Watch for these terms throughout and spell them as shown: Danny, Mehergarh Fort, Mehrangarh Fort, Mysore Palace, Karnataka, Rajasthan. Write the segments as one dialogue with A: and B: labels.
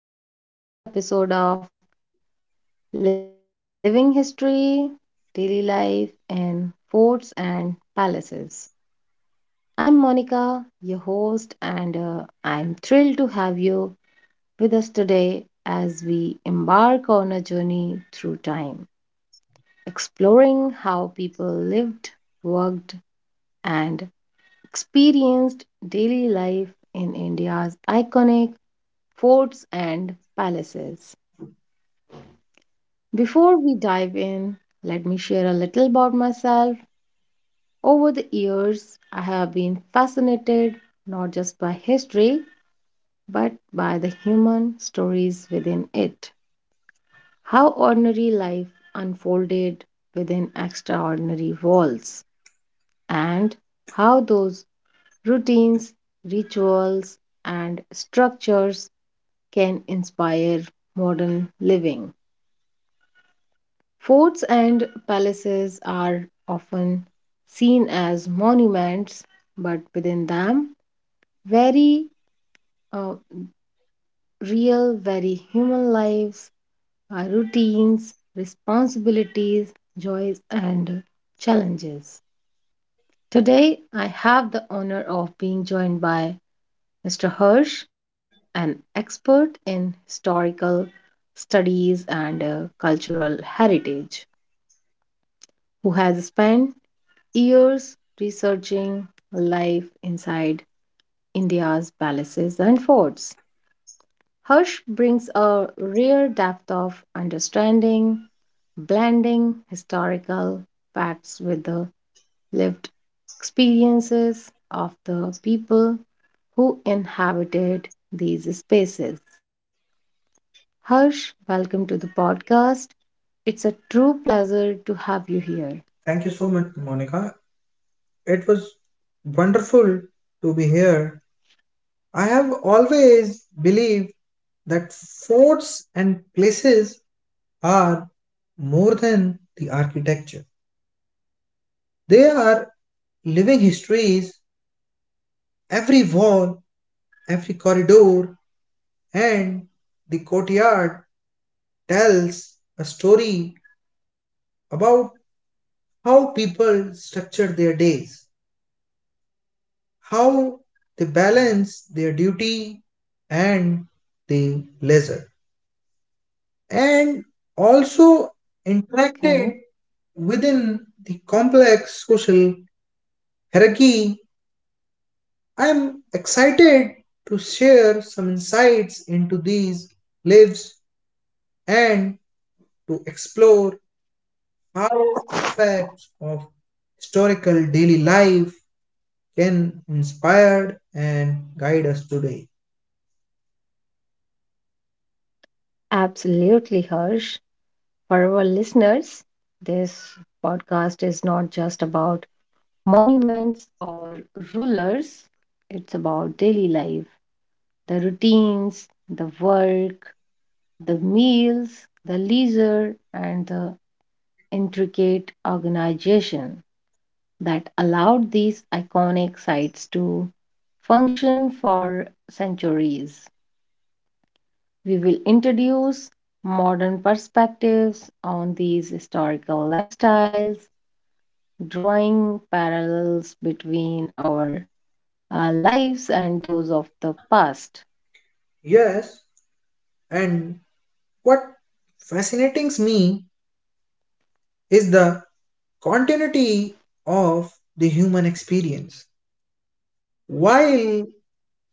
A: listeners, and welcome to the first episode of Living History, Daily Life in Forts and Palaces. I'm Monica, your host, and I'm thrilled to have you with us today as we embark on a journey through time, exploring how people lived, worked, and experienced daily life in India's iconic forts and palaces. Before we dive in, let me share a little about myself. Over the years, I have been fascinated not just by history, but by the human stories within it. How ordinary life unfolded within extraordinary walls, and how those routines, rituals, and structures can inspire modern living. Forts and palaces are often seen as monuments, but within them, very uh, real, very human lives, routines, responsibilities, joys, and challenges. Today, I have the honor of being joined by Mr. Hirsch, an expert in historical studies and cultural heritage, who has spent years researching life inside India's palaces and forts. Harsh brings a rare depth of understanding, blending historical facts with the lived experiences of the people who inhabited these spaces. Harsh, welcome to the podcast. It's a true pleasure to have you here.
B: Thank you so much, Monica. It was wonderful to be here. I have always believed that forts and places are more than the architecture. They are living histories. Every wall, every corridor, and the courtyard tells a story about how people structured their days, how they balance their duty and the leisure and also
A: Okay.
B: interacted within the complex social hierarchy. I am excited to share some insights into these lives and to explore how aspects of historical daily life can inspire and guide us today.
A: Absolutely, Harsh. For our listeners, this podcast is not just about monuments or rulers, it's about daily life, the routines, the work, the meals, the leisure, and the intricate organization that allowed these iconic sites to function for centuries. We will introduce modern perspectives on these historical lifestyles, drawing parallels between our lives and those of the past.
B: Yes, and what fascinates me is the continuity of the human experience. While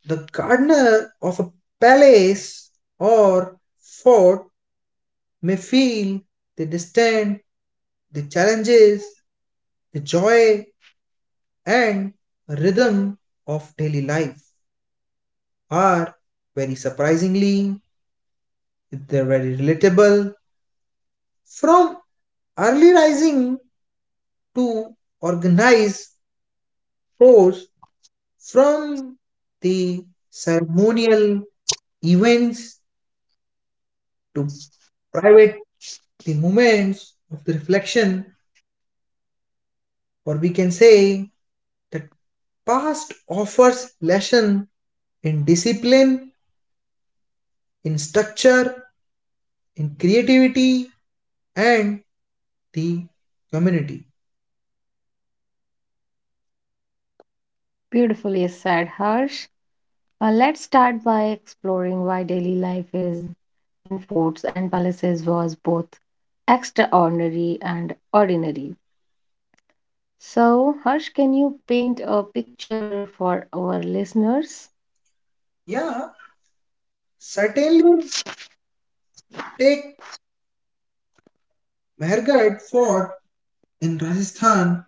B: the gardener of a palace or fort may feel the distant, the challenges, the joy, and rhythm of daily life are very surprisingly, they're very relatable. From early rising to organized sports, from the ceremonial events to private the moments of the reflection, or we can say that past offers lesson in discipline, in structure, in creativity, and the community.
A: Beautifully said, Harsh. Let's start by exploring why daily life is in forts and palaces was both extraordinary and ordinary. So, Harsh, can you paint a picture for our listeners?
B: Yeah, certainly, take Mehergarh Fort in Rajasthan.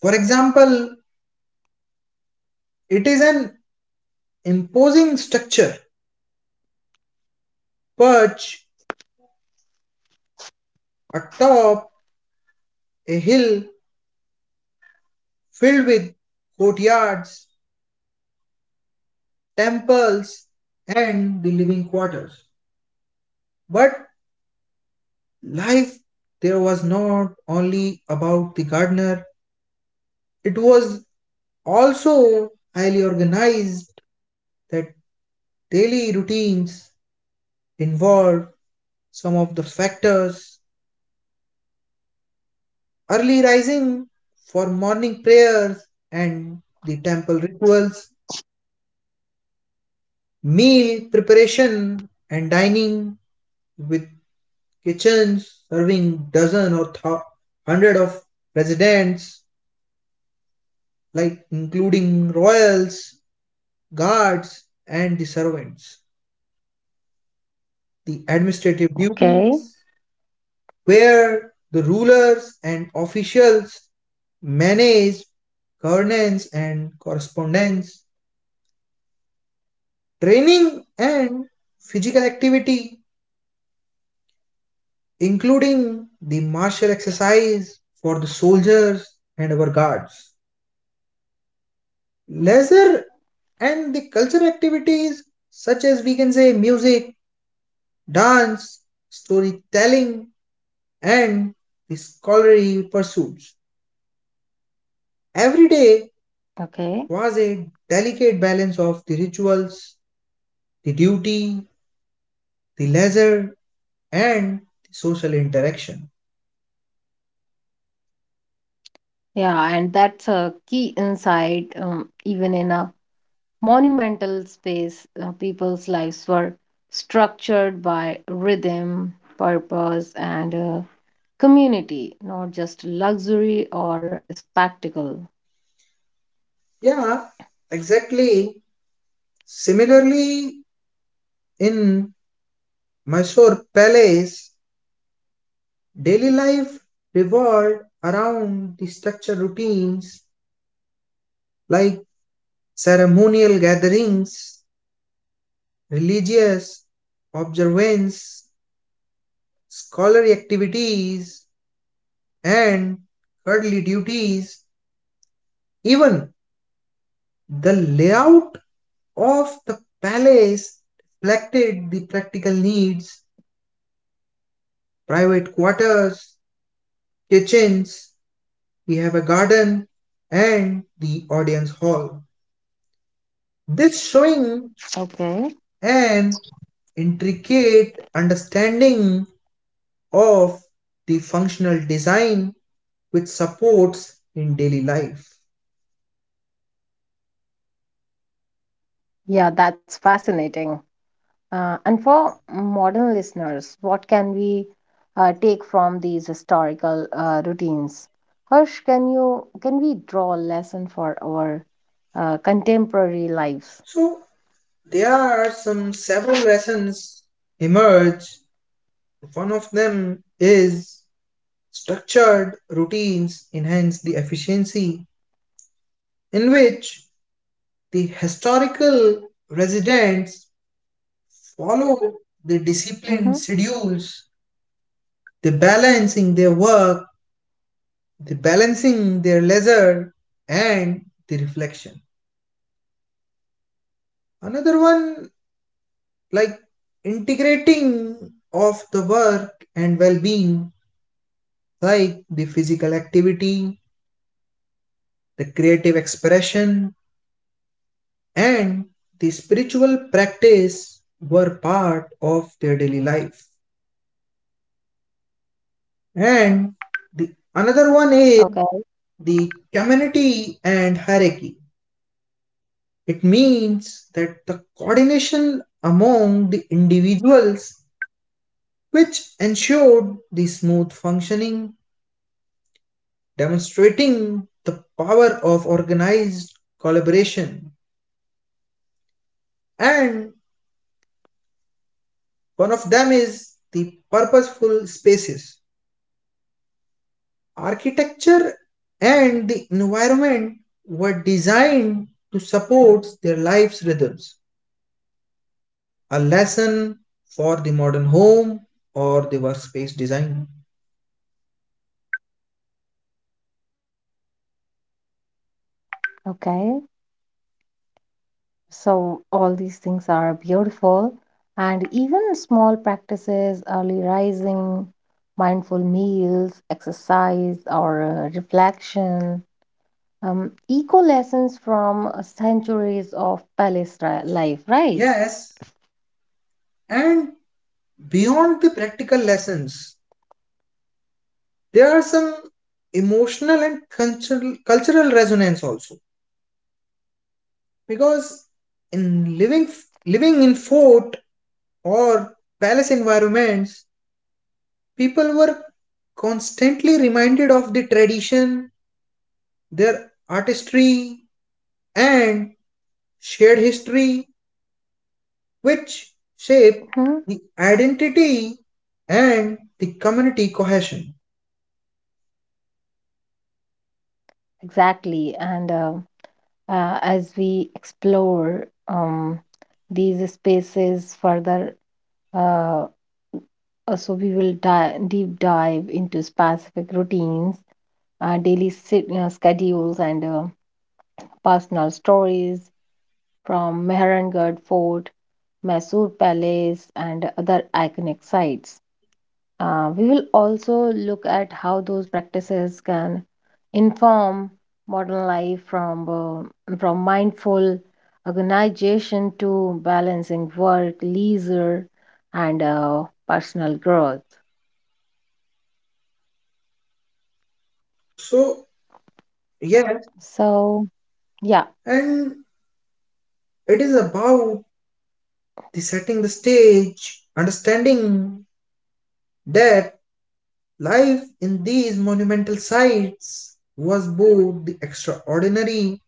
B: For example, it is an imposing structure perched atop a hill filled with courtyards, temples, and the living quarters. But life there was not only about the gardener, it was also highly organized that daily routines involved some of the factors: early rising for morning prayers and the temple rituals, meal preparation and dining with kitchens serving dozen or hundred of residents, like including royals, guards, and the servants. The administrative
A: Okay,
B: duties, where the rulers and officials manage governance and correspondence, training and physical activity, including the martial exercise for the soldiers and our guards. Leisure and the cultural activities such as we can say music, dance, storytelling, and the scholarly pursuits. Every day
A: okay.
B: was a delicate balance of the rituals, the duty, the leisure, and the social interaction.
A: Yeah, and that's a key insight. Even in a monumental space, people's lives were structured by rhythm, purpose, and community, not just luxury or spectacle.
B: Yeah, exactly. Similarly, in Mysore Palace, daily life revolved around the structured routines like ceremonial gatherings, religious observance, scholarly activities, and worldly duties. Even the layout of the palace reflected the practical needs, private quarters, kitchens, we have a garden, and the audience hall. This showing
A: Okay.
B: an intricate understanding of the functional design with supports in daily life.
A: Yeah, that's fascinating. And for modern listeners, what can we take from these historical routines? Harsh, can we draw a lesson for our contemporary lives?
B: So there are some several lessons emerge. One of them is structured routines enhance the efficiency in which the historical residents follow the disciplined
A: Hmm.
B: schedules, the balancing their work, the balancing their leisure and the reflection. Another one, like integrating of the work and well-being, like the physical activity, the creative expression, and the spiritual practice were part of their daily life. And the another one is
A: Okay.
B: the community and hierarchy. It means that the coordination among the individuals which ensured the smooth functioning, demonstrating the power of organized collaboration. And one of them is the purposeful spaces. Architecture and the environment were designed to support their life's rhythms. A lesson for the modern home or the workspace design.
A: Okay. So, all these things are beautiful, and even small practices, early rising, mindful meals, exercise, or reflection, eco lessons from centuries of life, right?
B: Yes, and beyond the practical lessons, there are some emotional and cultural, cultural resonance also, because in living in fort or palace environments, people were constantly reminded of the tradition, their artistry, and shared history, which shape
A: Mhm.
B: the identity and the community cohesion.
A: Exactly. And as we explore these spaces further, uh, so we will deep dive into specific routines, daily schedules and personal stories from Mehrangarh Fort, Mysore Palace, and other iconic sites. We will also look at how those practices can inform modern life, from mindful organization to balancing work, leisure, and personal growth.
B: So yes,
A: So, yeah.
B: and it is about the setting the stage, understanding that life in these monumental sites was both extraordinary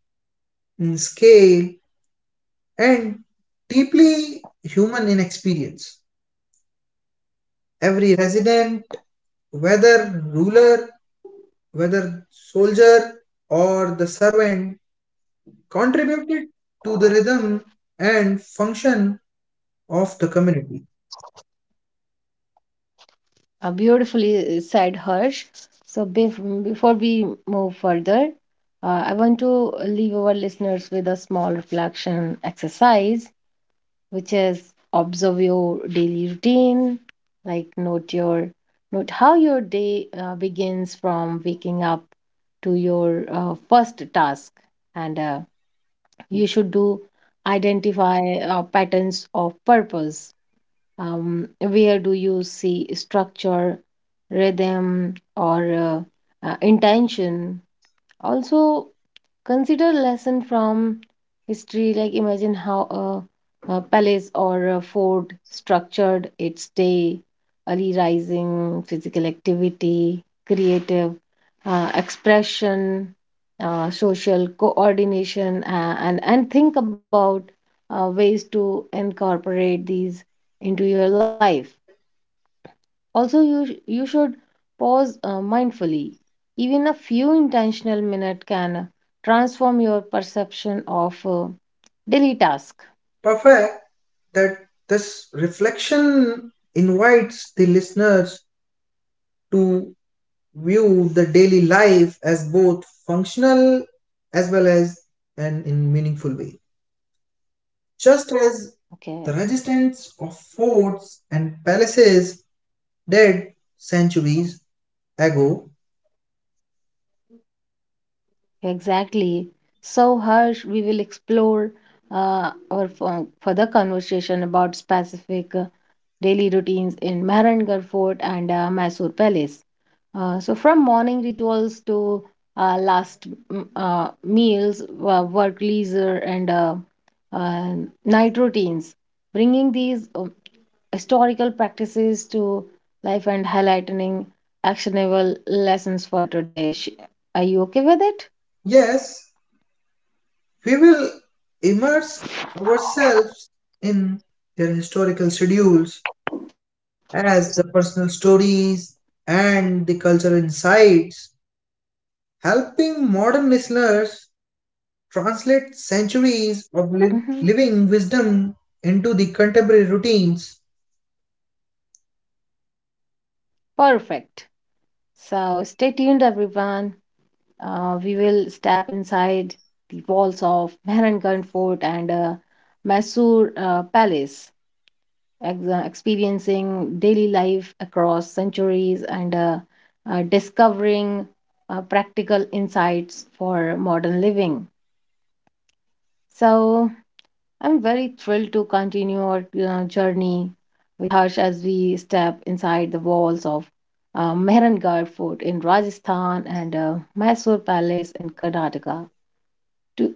B: in scale and deeply human in experience. Every resident, whether ruler, whether soldier, or the servant, contributed to the rhythm and function of the community.
A: Beautifully said, Harsh. So before we move further, I want to leave our listeners with a small reflection exercise, which is observe your daily routine, like note how your day begins from waking up to your first task, and you should do identify patterns of purpose. Where do you see structure, rhythm, or intention? Also consider lesson from history, like imagine how a palace or a fort structured its day, early rising, physical activity, creative expression, social coordination, and think about ways to incorporate these into your life. Also, you should pause mindfully. Even a few intentional minutes can transform your perception of daily task.
B: Perfect, that this reflection invites the listeners to view the daily life as both functional as well as an in meaningful way. Just as the
A: Okay.
B: resistance of forts and palaces did centuries ago,
A: Exactly. So, Harsh, we will explore our further conversation about specific daily routines in Mehrangarh Fort and Mysore Palace. So, from morning rituals to last meals, work, leisure, and uh, night routines, bringing these historical practices to life and highlighting actionable lessons for today. Are you okay with it?
B: yes, we will immerse ourselves in their historical schedules as the personal stories and the cultural insights, helping modern listeners translate centuries of
A: Mhm.
B: living wisdom into the contemporary routines.
A: Perfect. So stay tuned, everyone. We will step inside the walls of Mehrangarh Fort and Mysore Palace, experiencing daily life across centuries and discovering practical insights for modern living. So, I'm very thrilled to continue our journey with Harsh as we step inside the walls of Mehrangarh Fort in Rajasthan and Mysore Palace in Karnataka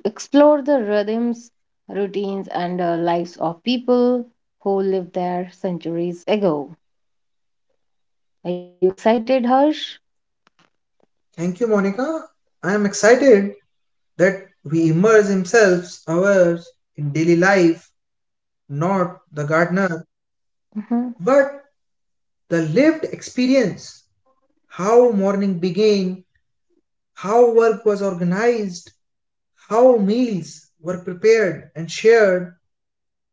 A: to explore the rhythms, routines, and lives of people who lived there centuries ago. Are you excited, Harsh?
B: Thank you, Monica. I am excited that we immerse himself, ours, in daily life, not the gardener,
A: Mhm.
B: but the lived experience. How morning began, how work was organized, how meals were prepared and shared,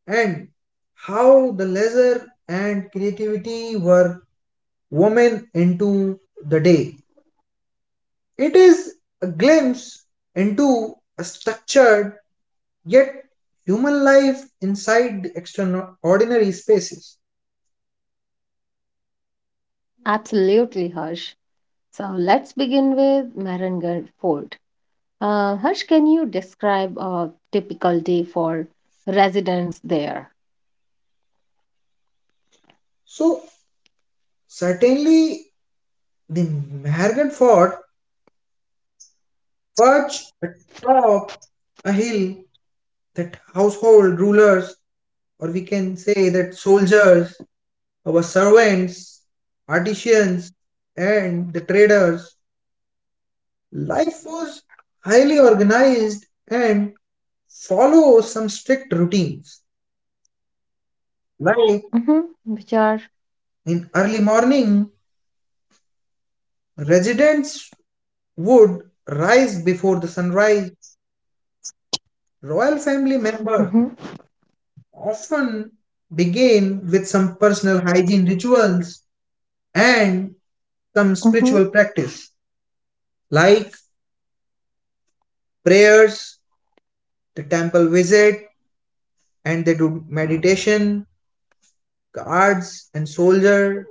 B: and how the leisure and creativity were woman into the day. It is a glimpse into a structured yet human life inside the extraordinary spaces.
A: Absolutely, Harsh. So let's begin with Mehrangarh Fort. Harsh, can you describe a typical day for residents there?
B: So, certainly, the Mahargan fort perched atop a hill that household rulers, or we can say that soldiers, our servants, artisans, and the traders, life was highly organized and follow some strict routines. Like
A: Mm-hmm. Which are
B: in early morning, residents would rise before the sunrise. Royal family members
A: mm-hmm.
B: often begin with some personal hygiene rituals and some spiritual
A: Mm-hmm.
B: practice like prayers, the temple visit, and they do meditation. Guards and soldier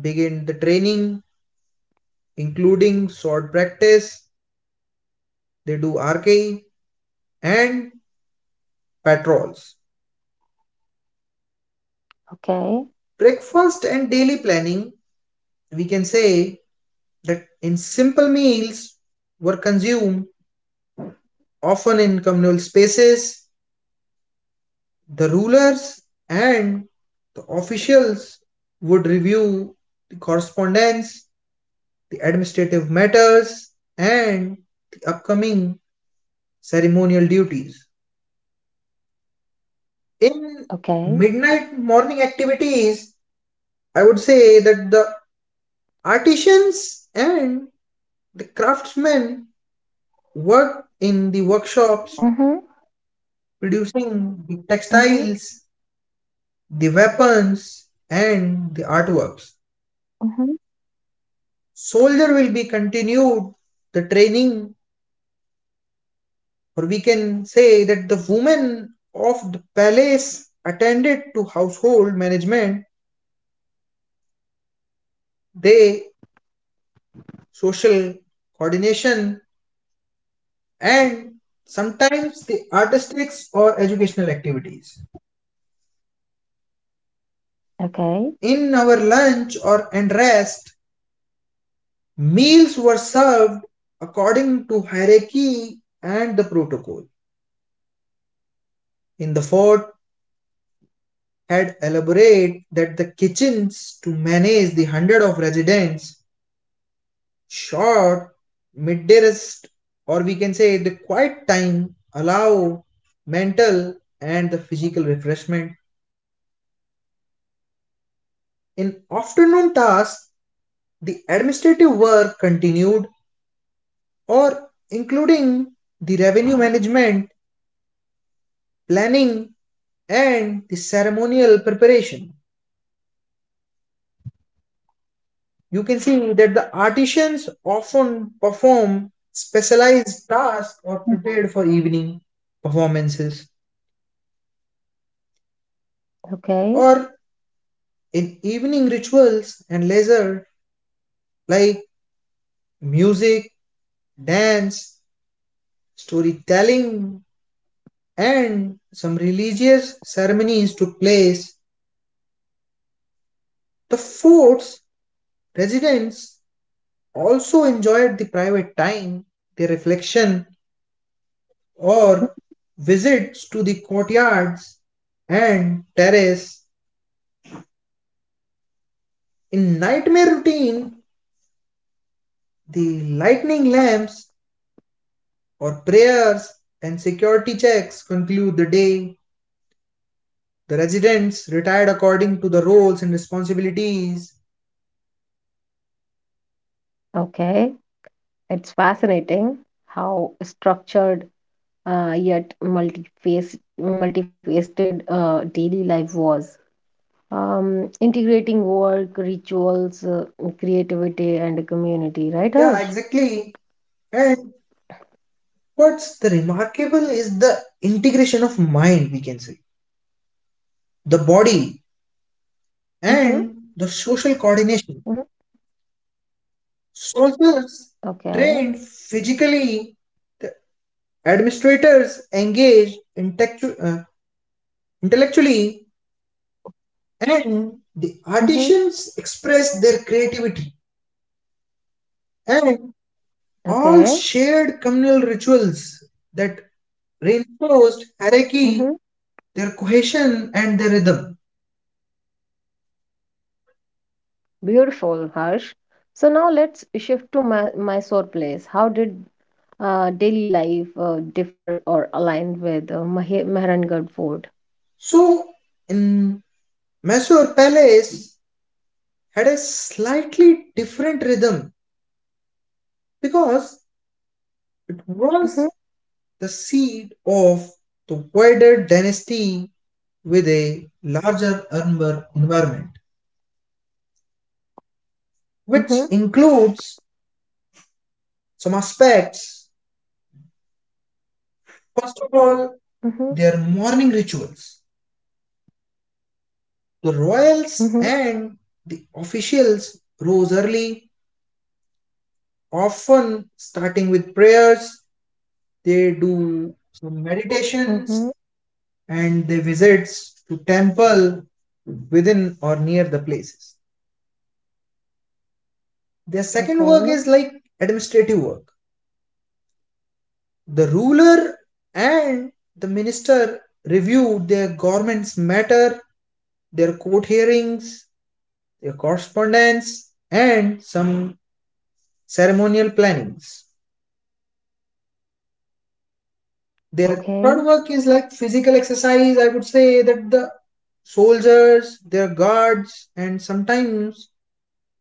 B: begin the training, including sword practice. They do archery, and patrols.
A: Okay.
B: Breakfast and daily planning, we can say that in simple meals were consumed often in communal spaces. The rulers and the officials would review the correspondence, the administrative matters, and the upcoming ceremonial duties. In
A: Okay.
B: midnight morning activities, I would say that the artisans and the craftsmen worked in the workshops
A: Mm-hmm.
B: producing the
A: Mm-hmm.
B: textiles, the weapons, and the artworks.
A: Mm-hmm.
B: Soldier will be continued the training, or we can say that the women of the palace attended to household management, they social coordination, and sometimes the artistics or educational activities.
A: Okay.
B: In our lunch or and rest, meals were served according to hierarchy and the protocol. In the fort had elaborated that the kitchens to manage the hundred of residents, short midday rest or we can say the quiet time allow mental and the physical refreshment. In afternoon tasks, the administrative work continued or including the revenue management, planning and the ceremonial preparation. You can see that the artisans often perform specialized tasks or prepared for evening performances,
A: Okay.
B: or in evening rituals and leisure like music, dance, storytelling, and some religious ceremonies took place. The fort's residents also enjoyed the private time, the reflection, or visits to the courtyards and terrace. In nightmare routine, the lightning lamps or prayers and security checks conclude the day. The residents retired according to the roles and responsibilities.
A: Okay. It's fascinating how structured, yet multifaceted daily life was. Integrating work, rituals, creativity, and community, right,
B: Yeah,
A: Harsh?
B: exactly. And what's the remarkable is the integration of mind, we can say, the body,
A: Mm-hmm.
B: and the social coordination.
A: Mm-hmm.
B: Soldiers trained
A: Okay.
B: physically, administrators engage intellectually, and the
A: Mhm.
B: artisans express their creativity, and all
A: Okay.
B: shared communal rituals that reinforced
A: Mhm.
B: hierarchy, their cohesion and their rhythm.
A: Beautiful, Harsh. So now let's shift to my Mysore place. How did daily life differ or align with Mehrangarh Fort?
B: So in Mysore palace had a slightly different rhythm because it was
A: Mhm.
B: the seat of the wider dynasty with a larger urban environment, which
A: Mhm.
B: includes some aspects. First of all,
A: Mhm.
B: their morning rituals. The royals
A: Mhm.
B: and the officials rose early, often starting with prayers. They do some meditations
A: Mhm.
B: and they visits to temple within or near the places. Their second work
A: Okay.
B: is like administrative work. The ruler and the minister reviewed their government's matter, their court hearings, their correspondence, and some ceremonial plannings. Their
A: Okay.
B: third work is like physical exercise. I would say that the soldiers, their guards, and sometimes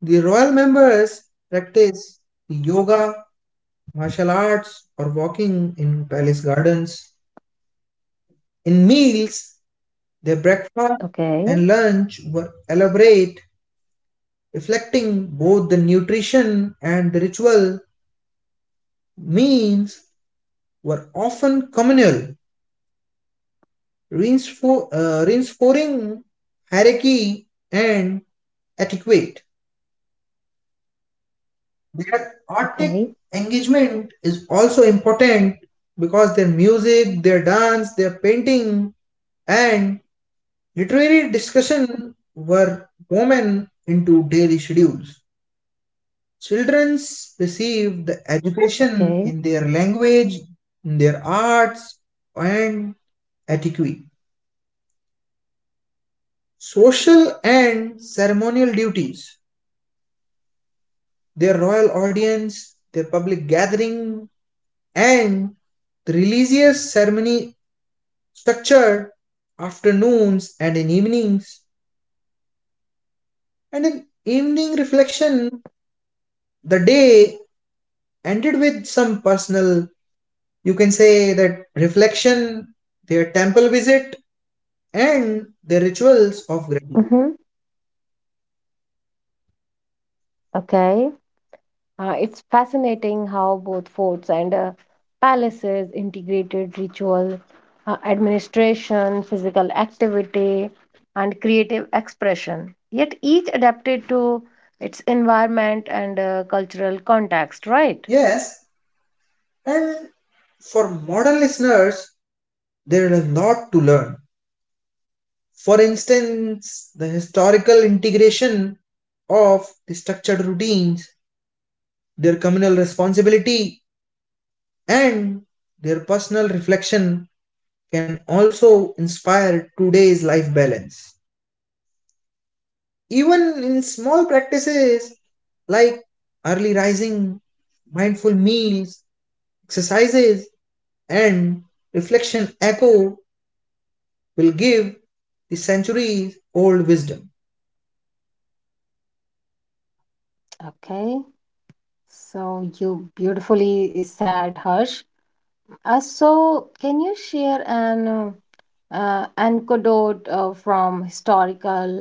B: the royal members practice yoga, martial arts, or walking in palace gardens. In meals, their
A: Okay.
B: breakfast and lunch were elaborate, reflecting both the nutrition and the ritual. Means were often communal, reinforcing hierarchy and etiquette. Their artistic
A: Okay.
B: engagement is also important because their music, their dance, their painting, and literary discussion were woven into daily schedules. Children received
A: Okay.
B: education in their language, in their arts, and etiquette. Social and ceremonial duties, their royal audience, their public gathering, and the religious ceremony structured afternoons and in evenings. And in evening reflection, the day ended with some personal, you can say that reflection, their temple visit, and the rituals of gratitude.
A: Mhm. Okay. It's fascinating how both forts and palaces integrated ritual, administration, physical activity, and creative expression, yet each adapted to its environment and cultural context, right?
B: Yes, and for modern listeners, there is a lot to learn. For instance, the historical integration of the structured routines, their communal responsibility, and their personal reflection can also inspire today's life balance. Even in small practices like early rising, mindful meals, exercises, and reflection echo will give the centuries old wisdom.
A: Okay, so you beautifully said, Harsh. So, can you share an anecdote from historical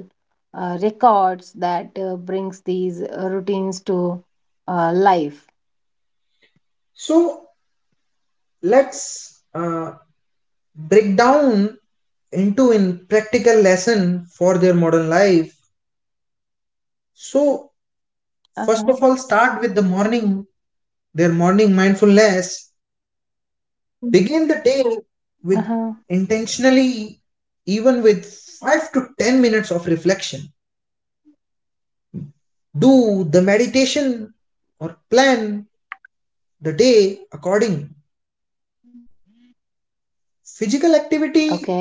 A: records that brings these routines to life?
B: So let's break down into in practical lesson for their modern life. So
A: Uh huh.
B: first of all, start with the morning, their morning mindfulness. Begin the day
A: Uh huh.
B: with intentionally, even with 5 to 10 minutes of reflection. Do the meditation or plan the day according. Physical
A: Okay.
B: activity,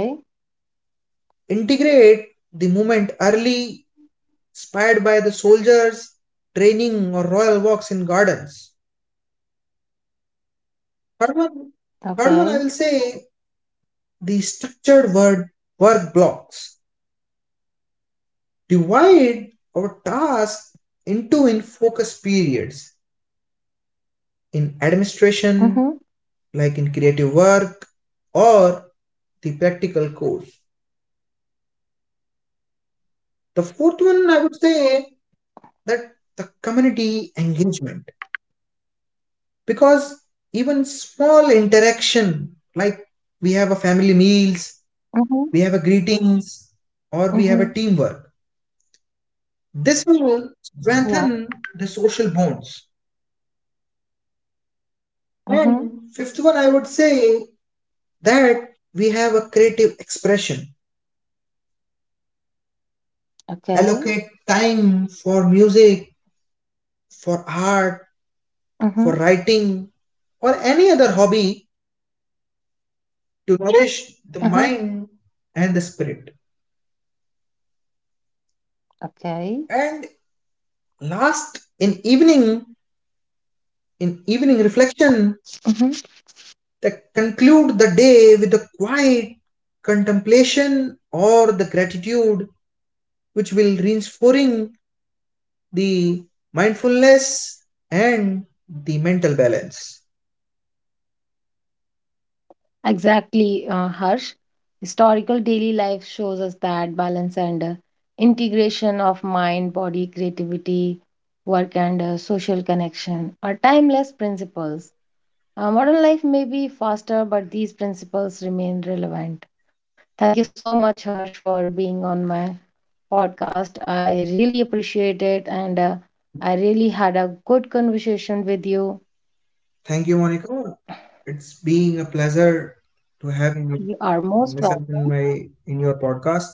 B: integrate the movement early, inspired by the soldiers training or royal walks in gardens. Third one,
A: Okay.
B: third one I will say the structured word work blocks. Divide our task into in focus periods in
A: Mm hmm.
B: administration, like in creative work or the practical course. The fourth one I would say that the community engagement, because even small interaction like we have a family meals,
A: Mm hmm.
B: we have a greetings, or
A: Mm
B: we have
A: hmm.
B: a teamwork, this will
A: Yeah.
B: strengthen the social bonds.
A: Mm hmm.
B: And fifth one I would say that we have a creative expression,
A: Okay.
B: allocate time for music, for art,
A: Mm hmm.
B: for writing, or any other hobby to nourish the
A: Uh huh.
B: mind and the spirit.
A: Okay.
B: And last, in evening reflection,
A: Mm-hmm.
B: they conclude the day with a quiet contemplation or the gratitude, which will reinforcing the mindfulness and the mental balance.
A: Exactly, Harsh. Historical daily life shows us that balance and integration of mind, body, creativity, work, and social connection are timeless principles. Modern life may be faster, but these principles remain relevant. Thank you so much, Harsh, for being on my podcast. I really appreciate it, and I really had a good conversation with you.
B: Thank you, Monica. It's being a pleasure to have
A: You are
B: myself in my in your podcast.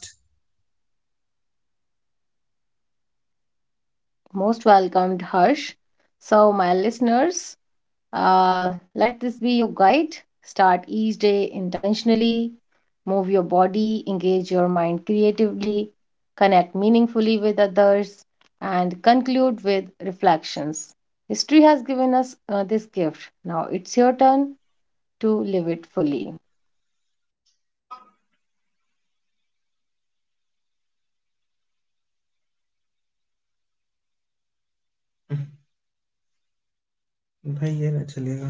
A: most welcomed, Harsh. So, my listeners, let this be your guide. Start each day intentionally, move your body, engage your mind creatively, connect meaningfully with others, and conclude with reflections. History has given us this gift. Now it's your turn to live it fully. Thank you so much, everyone. I'm your host, Monica, signing off. Take care. Bye bye. And keep listening to me.
B: भाई ये ना चलेगा